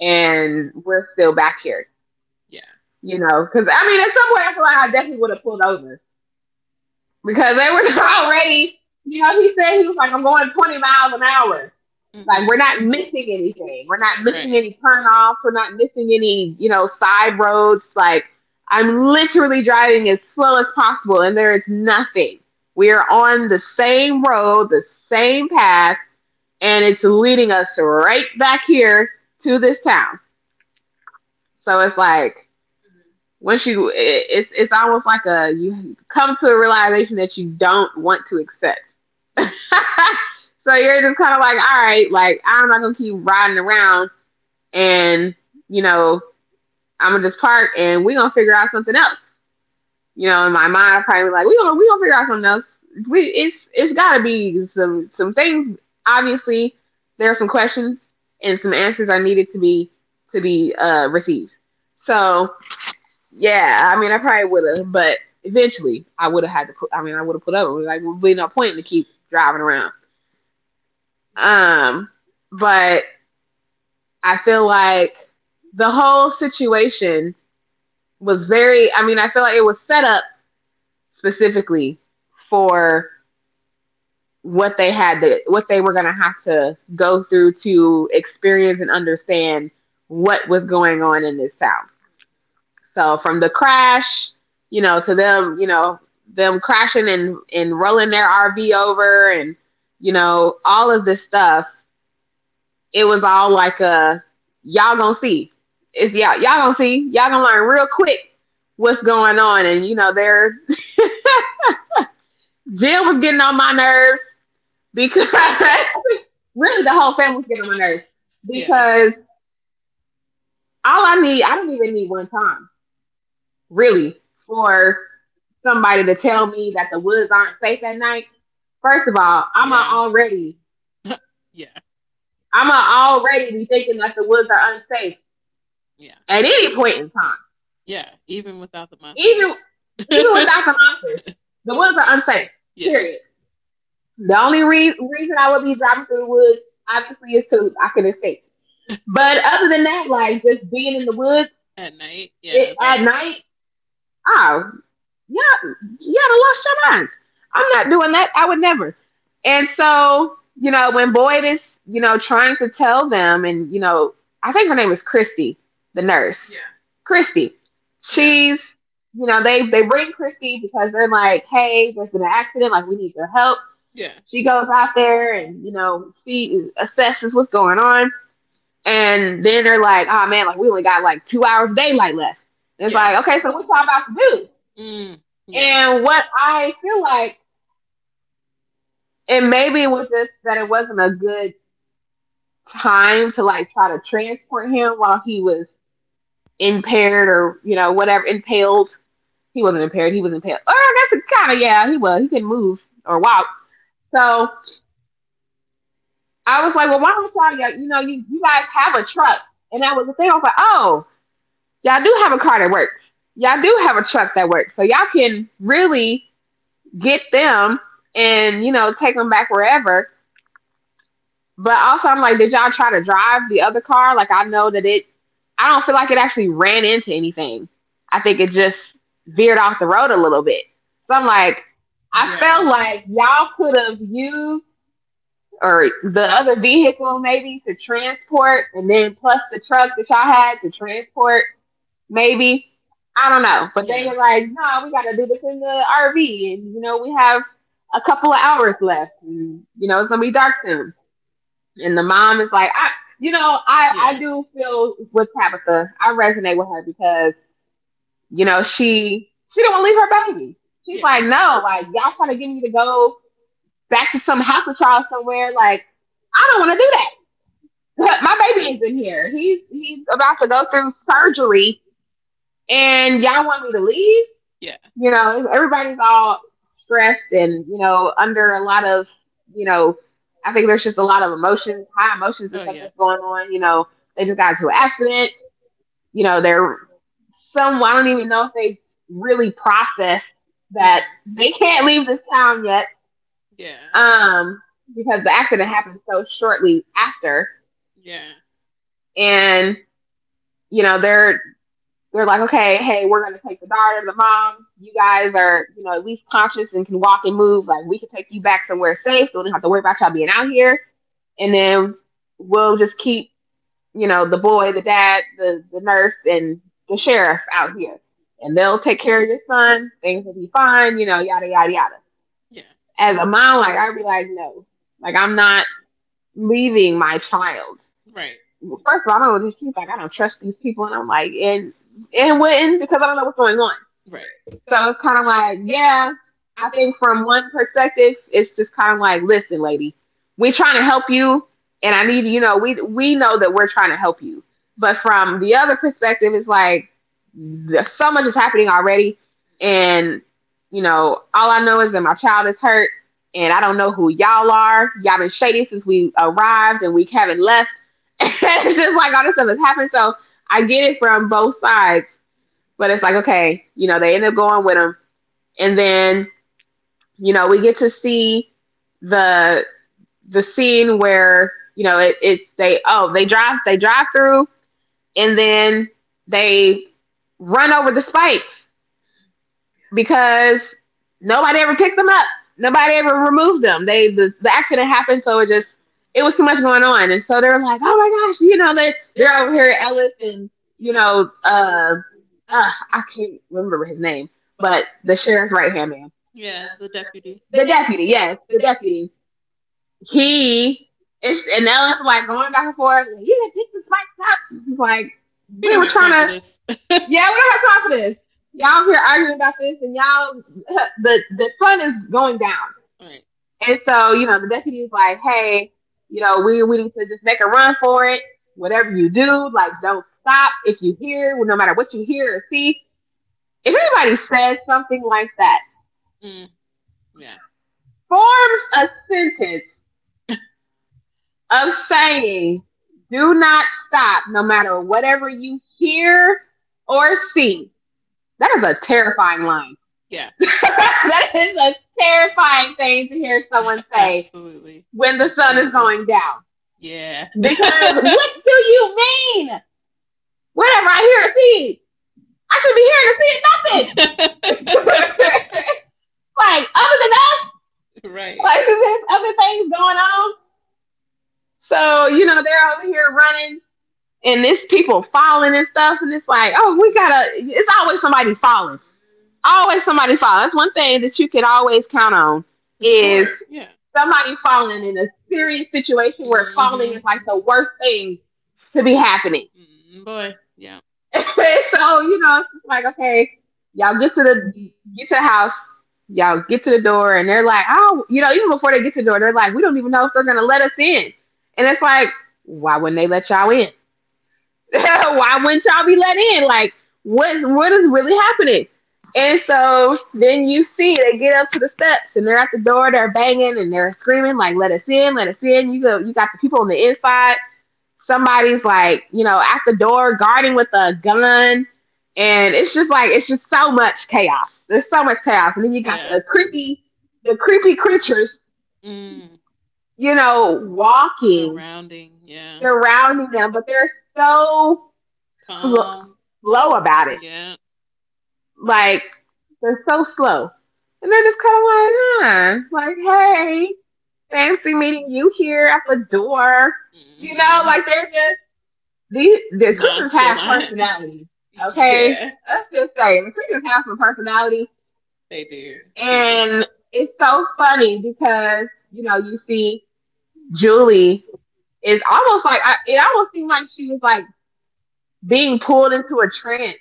[SPEAKER 1] and we're still back here.
[SPEAKER 2] Yeah.
[SPEAKER 1] You know, because I mean, at some point, I feel like I definitely would have pulled over because they were already. You know, he said he was like, I'm going 20 miles an hour. Like
[SPEAKER 2] Mhm.
[SPEAKER 1] we're not missing anything. We're not missing any
[SPEAKER 2] Right.
[SPEAKER 1] turnoffs. We're not missing any, you know, side roads. Like I'm literally driving as slow as possible and there is nothing. We are on the same road, the same path, and it's leading us right back here to this town. So it's like once you, it's almost like a you come to a realization that you don't want to accept. So you're just kind of like, all right, like I'm not gonna keep riding around and you know I'm gonna just park and we're gonna figure out something else. You know, in my mind, I probably be like we gonna to figure out something else. We It's gotta be some things. Obviously, there are some questions and some answers are needed to be received. So yeah, I mean, I probably would have, but eventually I would have had to put. I mean, I would have put up. It was like, there's really no point to keep driving around. Um, but I feel like the whole situation was very. I mean, I feel like it was set up specifically for what they had to, what they were going to have to go through to experience and understand what was going on in this town. So from the crash, you know, to them, you know, them crashing and rolling their RV over, and you know, all of this stuff. It was all like a y'all gonna see. It's y'all gonna see. Y'all gonna learn real quick what's going on, and you know, they're Jill was getting on my nerves because really the whole family was getting on my nerves
[SPEAKER 2] Yeah.
[SPEAKER 1] because all I need, I don't even need one time really for somebody to tell me that the woods aren't safe at night. First of all, I'm a already,
[SPEAKER 2] Yeah,
[SPEAKER 1] I'm a already be thinking that the woods are unsafe
[SPEAKER 2] yeah,
[SPEAKER 1] at any point in time.
[SPEAKER 2] yeah. Even without the
[SPEAKER 1] Even
[SPEAKER 2] monsters.
[SPEAKER 1] even without the monsters, the woods are unsafe.
[SPEAKER 2] Yeah.
[SPEAKER 1] Period. The only reason I would be driving through the woods, obviously, is to I can escape. But other than that, like just being in the woods
[SPEAKER 2] At night. Yeah.
[SPEAKER 1] at night, oh, yeah, you gotta lost your mind. I'm not doing that. I would never. And so, you know, when Boyd is, trying to tell them, and you know, I think her name is Christy, the nurse. Yeah. Christy, she's, you know, they bring Christy because they're like, hey, there's been an accident, like we need your help.
[SPEAKER 2] Yeah. It's.
[SPEAKER 1] She goes out there and she assesses what's going on and then they're like, oh man, like we only got like 2 hours of daylight left. It's like, okay, so what y'all about to do?
[SPEAKER 2] Do. Mm.
[SPEAKER 1] And what I feel like, and maybe it was just that it wasn't a good time to try to transport him while he was impaired or, whatever, impaled. He wasn't impaired, he was impaled. Oh, that's a kind of, yeah, he was. He couldn't move or walk. So I was like, well, why don't y'all, you guys have a truck. And that was the thing. I was like, oh, y'all do have a car that works. Y'all do have a truck that works. So y'all can really get them and, take them back wherever. But also, I'm like, did y'all try to drive the other car? I know that I don't feel like it actually ran into anything. I think it just veered off the road a little bit. So I'm like, I felt like y'all could have used or the other vehicle maybe to transport, and then plus the truck that y'all had to transport maybe. I don't know. But they were like, no, we got to do this in the RV. And, we have a couple of hours left. And, it's going to be dark soon. And the mom is like, I do
[SPEAKER 2] Yeah.
[SPEAKER 1] feel with Tabitha. I resonate with her because, she don't want to leave her baby. She's like, no, like, y'all trying to get me to go back to some house of trial somewhere. Like, I don't want to do that. My baby is in here. He's about to go through surgery, and y'all want me to leave?
[SPEAKER 2] Yeah.
[SPEAKER 1] You know, everybody's all stressed and, you know, under a lot of, you know, I think there's just a lot of emotions, high emotions and stuff that's going on. You know, they just got into an accident. You know, they're some, I don't even know if they really processed that they can't leave this town yet
[SPEAKER 2] Yeah.
[SPEAKER 1] um, because the accident happened so shortly after.
[SPEAKER 2] Yeah.
[SPEAKER 1] And, you know, they're They're like, okay, hey, we're gonna take the daughter, the mom. You guys are, at least conscious and can walk and move. Like we can take you back somewhere safe. So we don't have to worry about y'all being out here. And then we'll just keep, the boy, the dad, the nurse, and the sheriff out here. And they'll take care of your son. Things will be fine, yada yada yada.
[SPEAKER 2] Yeah.
[SPEAKER 1] As a mom, like I'd be like, no, like I'm not leaving my child.
[SPEAKER 2] Right.
[SPEAKER 1] First of all, I don't know. She's like, I don't trust these people, and I'm like, and wouldn't, because I don't know what's going on.
[SPEAKER 2] Right.
[SPEAKER 1] So it's kind of like, yeah, I think from one perspective, it's just kind of like, listen, lady, we're trying to help you, and I need you know we know that we're trying to help you, but from the other perspective, it's like there's so much is happening already, and all I know is that my child is hurt, and I don't know who y'all are. Y'all been shady since we arrived, and we haven't left. It's just like all this stuff is happening. So I get it from both sides, but it's like, okay, they end up going with him. And then, we get to see the the scene where, it's they oh, they drive through and then they run over the spikes because nobody ever picked them up. Nobody ever removed them. The accident happened so it just it was too much going on. And so they're like, oh my gosh, they're over here at Ellis and you know, uh I can't remember his name, but the sheriff's right hand man,
[SPEAKER 2] Yeah. The deputy.
[SPEAKER 1] the deputy, yes, the deputy. He is, and now it's like going back and forth. Like, you didn't pick this right up. He's like, we were trying to,
[SPEAKER 2] We.
[SPEAKER 1] yeah, we don't have time for this. Y'all here arguing about this, and y'all, the sun is going down.
[SPEAKER 2] All right.
[SPEAKER 1] And so, the deputy's like, hey, you know, we need to just make a run for it. Whatever you do, like, don't stop. If you hear, No matter what you hear or see, if anybody says something like that
[SPEAKER 2] Mm, yeah.
[SPEAKER 1] forms a sentence of saying, do not stop no matter whatever you hear or see. That is a terrifying line.
[SPEAKER 2] Yeah.
[SPEAKER 1] That is a terrifying thing to hear someone say
[SPEAKER 2] Absolutely.
[SPEAKER 1] when the sun is going down.
[SPEAKER 2] Yeah.
[SPEAKER 1] Because what do you mean? Whatever I hear or see, I should be here to see
[SPEAKER 2] To see
[SPEAKER 1] nothing.
[SPEAKER 2] nothing.
[SPEAKER 1] Like other than us,
[SPEAKER 2] Right.
[SPEAKER 1] like there's other things going on. So you know they're over here running and there's people falling and stuff, and it's like, oh, we gotta. It's always somebody falling. Always somebody falling. That's one thing that you can always count on is
[SPEAKER 2] Yeah.
[SPEAKER 1] somebody falling in a serious situation where falling is like the
[SPEAKER 2] Mhm.
[SPEAKER 1] worst thing to be happening.
[SPEAKER 2] Mm, boy. Yeah.
[SPEAKER 1] So you know, it's just like okay, y'all get to the house, y'all get to the door, and they're like, oh, even before they get to the door, they're like, we don't even know if they're gonna let us in, and it's like, why wouldn't they let y'all in? Why wouldn't y'all be let in? Like, what is really happening? And so then you see they get up to the steps and they're at the door, they're banging and they're screaming like, "Let us in, let us in!" You go, you got the people on the inside. Somebody's like, at the door guarding with a gun, and it's just like it's just so much chaos. There's so much chaos, and then you got the creepy creatures,
[SPEAKER 2] Mm,
[SPEAKER 1] walking
[SPEAKER 2] surrounding. Yeah.
[SPEAKER 1] surrounding them, but they're so slow, slow about it.
[SPEAKER 2] Yeah.
[SPEAKER 1] Like they're so slow, and they're just kind of like, huh, like hey, fancy meeting you here at the door.
[SPEAKER 2] Mm-hmm.
[SPEAKER 1] You know, like they're
[SPEAKER 2] Mhm.
[SPEAKER 1] just the creatures have personalities. Okay, let's just say the creatures have some personality,
[SPEAKER 2] They do.
[SPEAKER 1] and
[SPEAKER 2] Creepy.
[SPEAKER 1] it's so funny because you know you see Julie is almost like it almost seems like she was like being pulled into a trance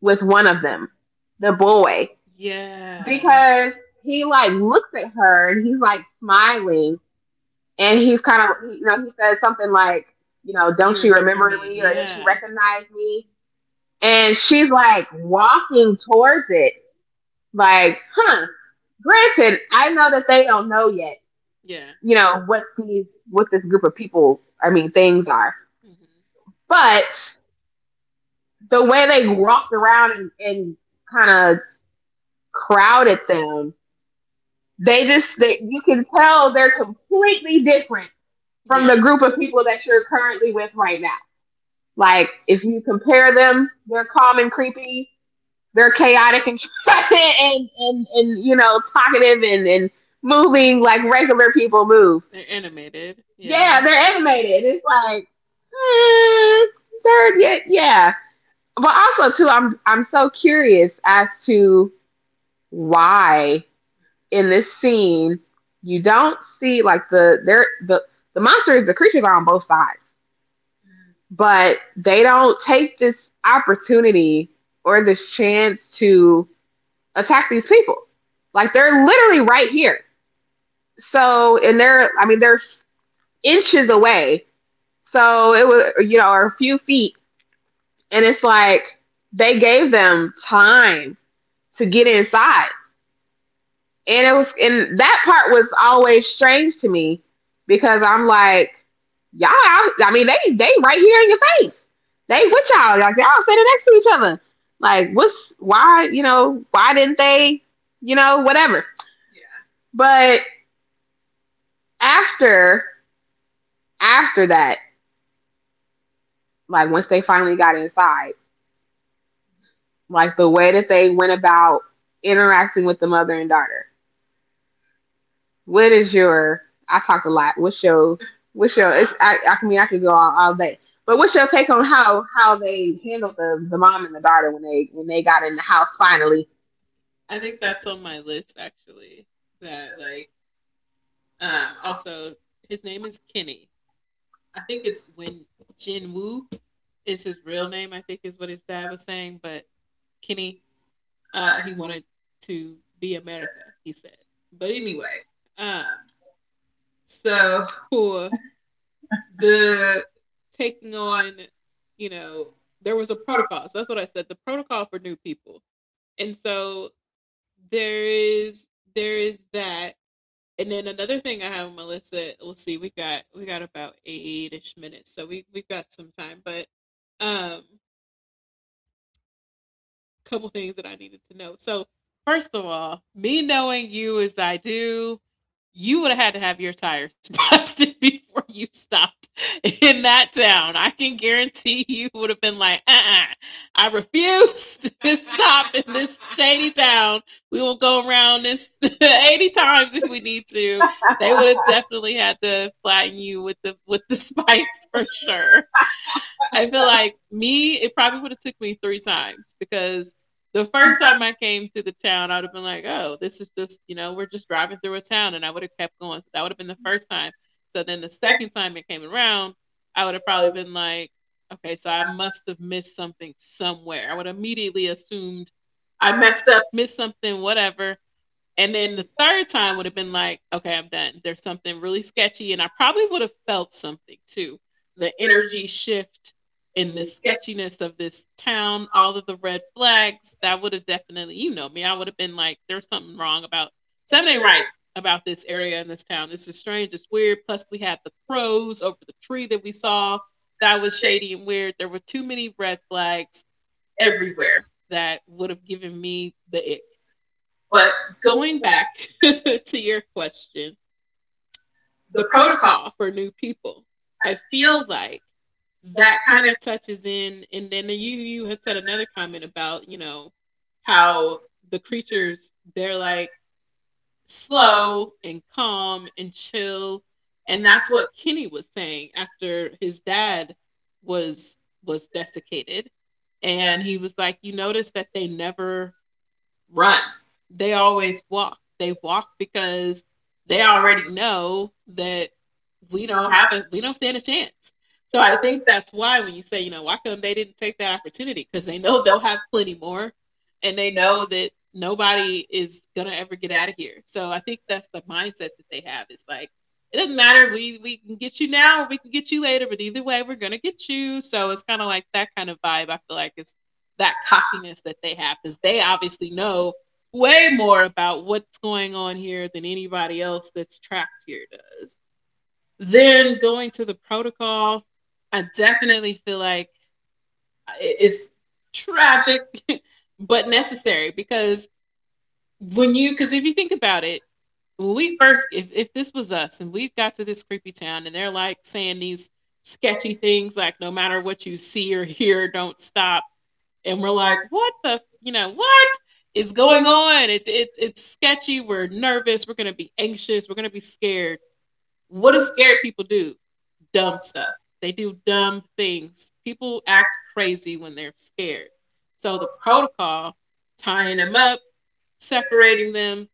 [SPEAKER 1] with one of them, the boy, yeah.
[SPEAKER 2] Yeah.
[SPEAKER 1] Because he like looks at her and he's like smiling and he's kind of you know he says something like you know don't she remember me or does she
[SPEAKER 2] Yeah.
[SPEAKER 1] recognize me, and she's like walking towards it like huh. Granted I know that they don't know yet
[SPEAKER 2] Yeah.
[SPEAKER 1] what this group of people I mean things are,
[SPEAKER 2] Hmm.
[SPEAKER 1] but the way they walked around and kind of crowded them. They just they, you can tell they're completely different from the group of people that you're currently with right now. Like if you compare them, they're calm and creepy. They're chaotic and and you know talkative and moving like regular people move.
[SPEAKER 2] They're animated.
[SPEAKER 1] Yeah,
[SPEAKER 2] Yeah.
[SPEAKER 1] they're animated. It's like mm, they're yeah, yeah. But also too, I'm so curious as to why in this scene, you don't see like the monsters, the creatures are on both sides, but they don't take this opportunity or this chance to attack these people. Like they're literally right here. So and they're I mean they're inches away. So it was you know or a few feet, and it's like they gave them time to get inside, and it was and that part was always strange to me because I'm like y'all, I mean, they right here in your face. They with y'all. Like y'all sitting next to each other. Like, what's why? You know, why didn't they? You know, whatever. But after after that, like once they finally got inside, like the way that they went about interacting with the mother and daughter. What is your? I talked a lot. What's your? What's your? It's, I mean, I could go all day. But what's your take on how they handled the mom and the daughter when they got in the house finally
[SPEAKER 2] I think that's on my list, actually. That, like, also, his name is Kenny. I think it's when Jin is his real name, I think, is what his dad was saying, but Kenny, he wanted to be America, he said. But anyway, um so, for the taking on, you know, there was a protocol. So that's what I said, the protocol for new people. And so there is that. And then another thing I have on my list that we'll see, we got about eight-ish minutes, so we've got some time. But um couple things that I needed to know. So, first of all, me knowing you as I do, you would have had to have your tires busted before you stopped in that town. I can guarantee you would have been like, I refuse to stop in this shady town. We will go around this 80 times if we need to. They would have definitely had to flatten you with the spikes for sure. I feel like me, it probably would have took me three times, because the first time I came to the town, I would have been like, oh, this is just, we're just driving through a town. And I would have kept going. So that would have been the first time. So then the second time it came around, I would have probably been like, okay, so I must have missed something somewhere. I would immediately assumed I messed up, missed something, whatever. And then the third time would have been like, okay, I'm done. There's something really sketchy. And I probably would have felt something too. The energy shift in the sketchiness of this town, all of the red flags, that would have definitely, you know me, I would have been like, there's something wrong about, something ain't right about this area in this town. This is strange. It's weird. Plus, we had the crows over the tree that we saw. That was shady and weird. There were too many red flags everywhere that would have given me the ick. But going back to your question, the protocol for new people, I feel like that kind of touches in. And then you had said another comment about you know how the creatures, they're like slow and calm and chill, and that's what Kenny was saying after his dad was desiccated, and he was like, you notice that they never run. They always walk. They walk because they already know that we don't stand a chance. So I think that's why when you say, you know, why come they didn't take that opportunity? Because they know they'll have plenty more, and they know that nobody is gonna ever get out of here. So I think that's the mindset that they have. It's like it doesn't matter. We can get you now or we can get you later, but either way, we're gonna get you. So it's kind of like that kind of vibe. I feel like is that cockiness that they have because they obviously know way more about what's going on here than anybody else that's trapped here does. Then going to the protocol, I definitely feel like it's tragic but necessary because when you because if you think about it, when we first, if this was us and we got to this creepy town and they're like saying these sketchy things like, no matter what you see or hear, don't stop, and we're like, what the, you know, what is going on? It's sketchy. We're nervous. We're going to be anxious. We're going to be scared. What do scared people do? Dumb stuff. They do dumb things. People act crazy when they're scared. So the protocol, tying them up, separating them,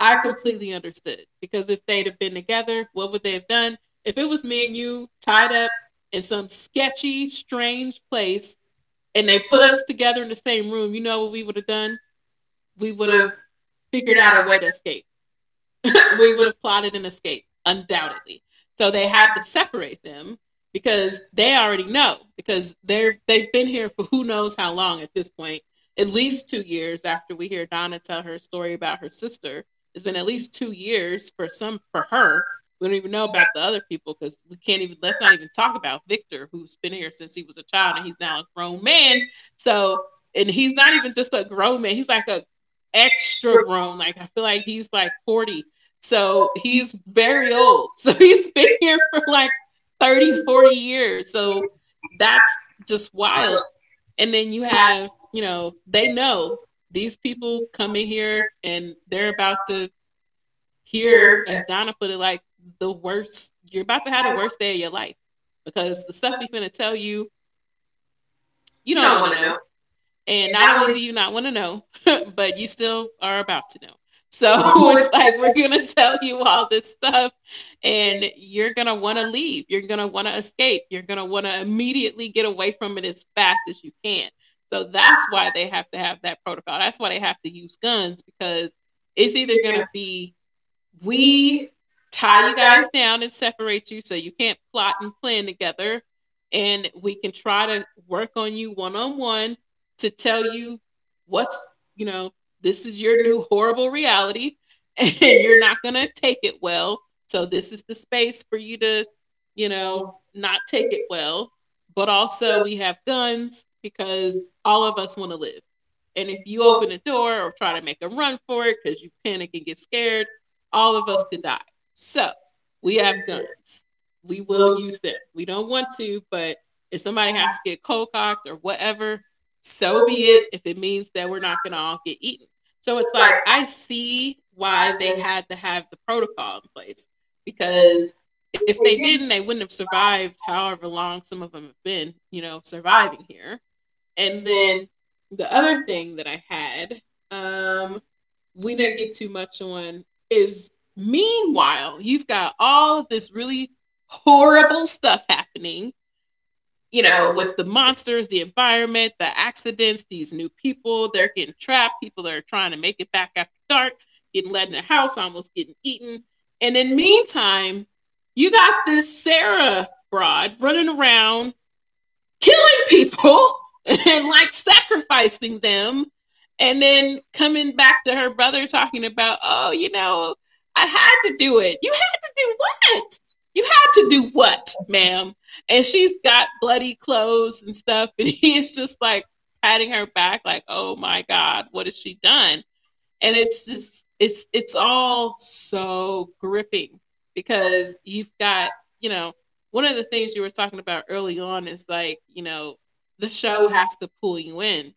[SPEAKER 2] I completely understood because if they'd have been together, what would they have done? If it was me and you tied up in some sketchy, strange place and they put us together in the same room, you know what we would have done? We would have figured out a way to escape. We would have plotted an escape, undoubtedly. So they had to separate them because they already know because they've been here for who knows how long at this point. At least 2 years after we hear Donna tell her story about her sister, it's been at least 2 years for some for her. We don't even know about the other people because we can't even, let's not even talk about Victor, who's been here since he was a child and he's now a grown man. So and he's not even just a grown man; he's like a extra grown. Like, I feel like he's like 40, so he's very old. So he's been here for like 30, 40 years. So that's just wild. And then you have, you know, they know these people come in here and they're about to hear, as Donna put it, like the worst, you're about to have the worst day of your life because the stuff we're going to tell you, you don't want to know, and not only do you not want to know, but you still are about to know. So it's like, we're going to tell you all this stuff and you're going to want to leave. You're going to want to escape. You're going to want to immediately get away from it as fast as you can. So that's why they have to have that protocol. That's why they have to use guns, because it's either going to be, we tie you guys down and separate you so you can't plot and plan together. And we can try to work on you one on one to tell you what's, you know, this is your new horrible reality and you're not going to take it well. So this is the space for you to, you know, not take it well. But also, we have guns because all of us want to live. And if you open a door or try to make a run for it because you panic and get scared, all of us could die. So we have guns. We will use them. We don't want to, but if somebody has to get cold cocked or whatever, so be it, if it means that we're not going to all get eaten. So it's like, I see why they had to have the protocol in place, because if they didn't, they wouldn't have survived however long some of them have been, you know, surviving here. And then the other thing that I had, um, we didn't get too much on, is meanwhile, you've got all of this really horrible stuff happening, you know, with the monsters, the environment, the accidents, these new people, they're getting trapped, people are trying to make it back after dark, getting led in the house, almost getting eaten. And in the meantime, you got this Sarah broad running around killing people and like sacrificing them, and then coming back to her brother talking about, oh, you know, I had to do it. You had to do what? You had to do what, ma'am? And she's got bloody clothes and stuff and he's just like patting her back, like, oh my god, what has she done. And it's just it's all so gripping because you've got, you know, one of the things you were talking about early on is like, you know, the show has to pull you in,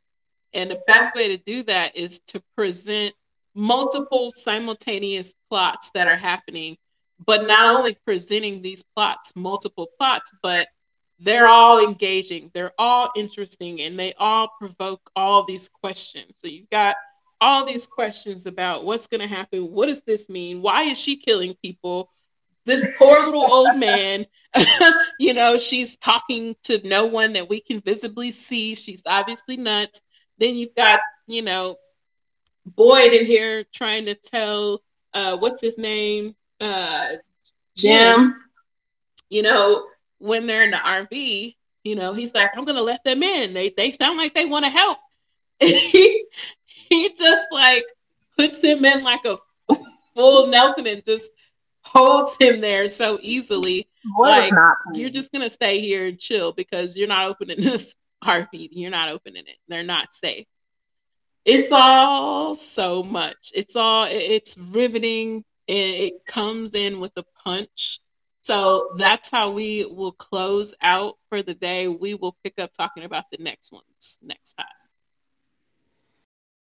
[SPEAKER 2] and the best way to do that is to present multiple simultaneous plots that are happening, but not only presenting these plots, multiple plots, but they're all engaging, they're all interesting, and they all provoke all these questions. So you've got all these questions about what's going to happen, what does this mean, why is she killing people, this poor little old man. You know, she's talking to no one that we can visibly see. She's obviously nuts. Then you've got, you know, Boyd in here trying to tell what's his name?
[SPEAKER 1] Them
[SPEAKER 2] Jim, you know, when they're in the RV, you know, he's like, I'm gonna let them in. They sound like they wanna help. he, he just like puts him in like a full Nelson and just holds him there so easily. Boy, like, you're just gonna stay here and chill because you're not opening this RV. You're not opening it. They're not safe. It's all so much. It's riveting and it comes in with a punch. So that's how we will close out for the day. We will pick up talking about the next ones next time.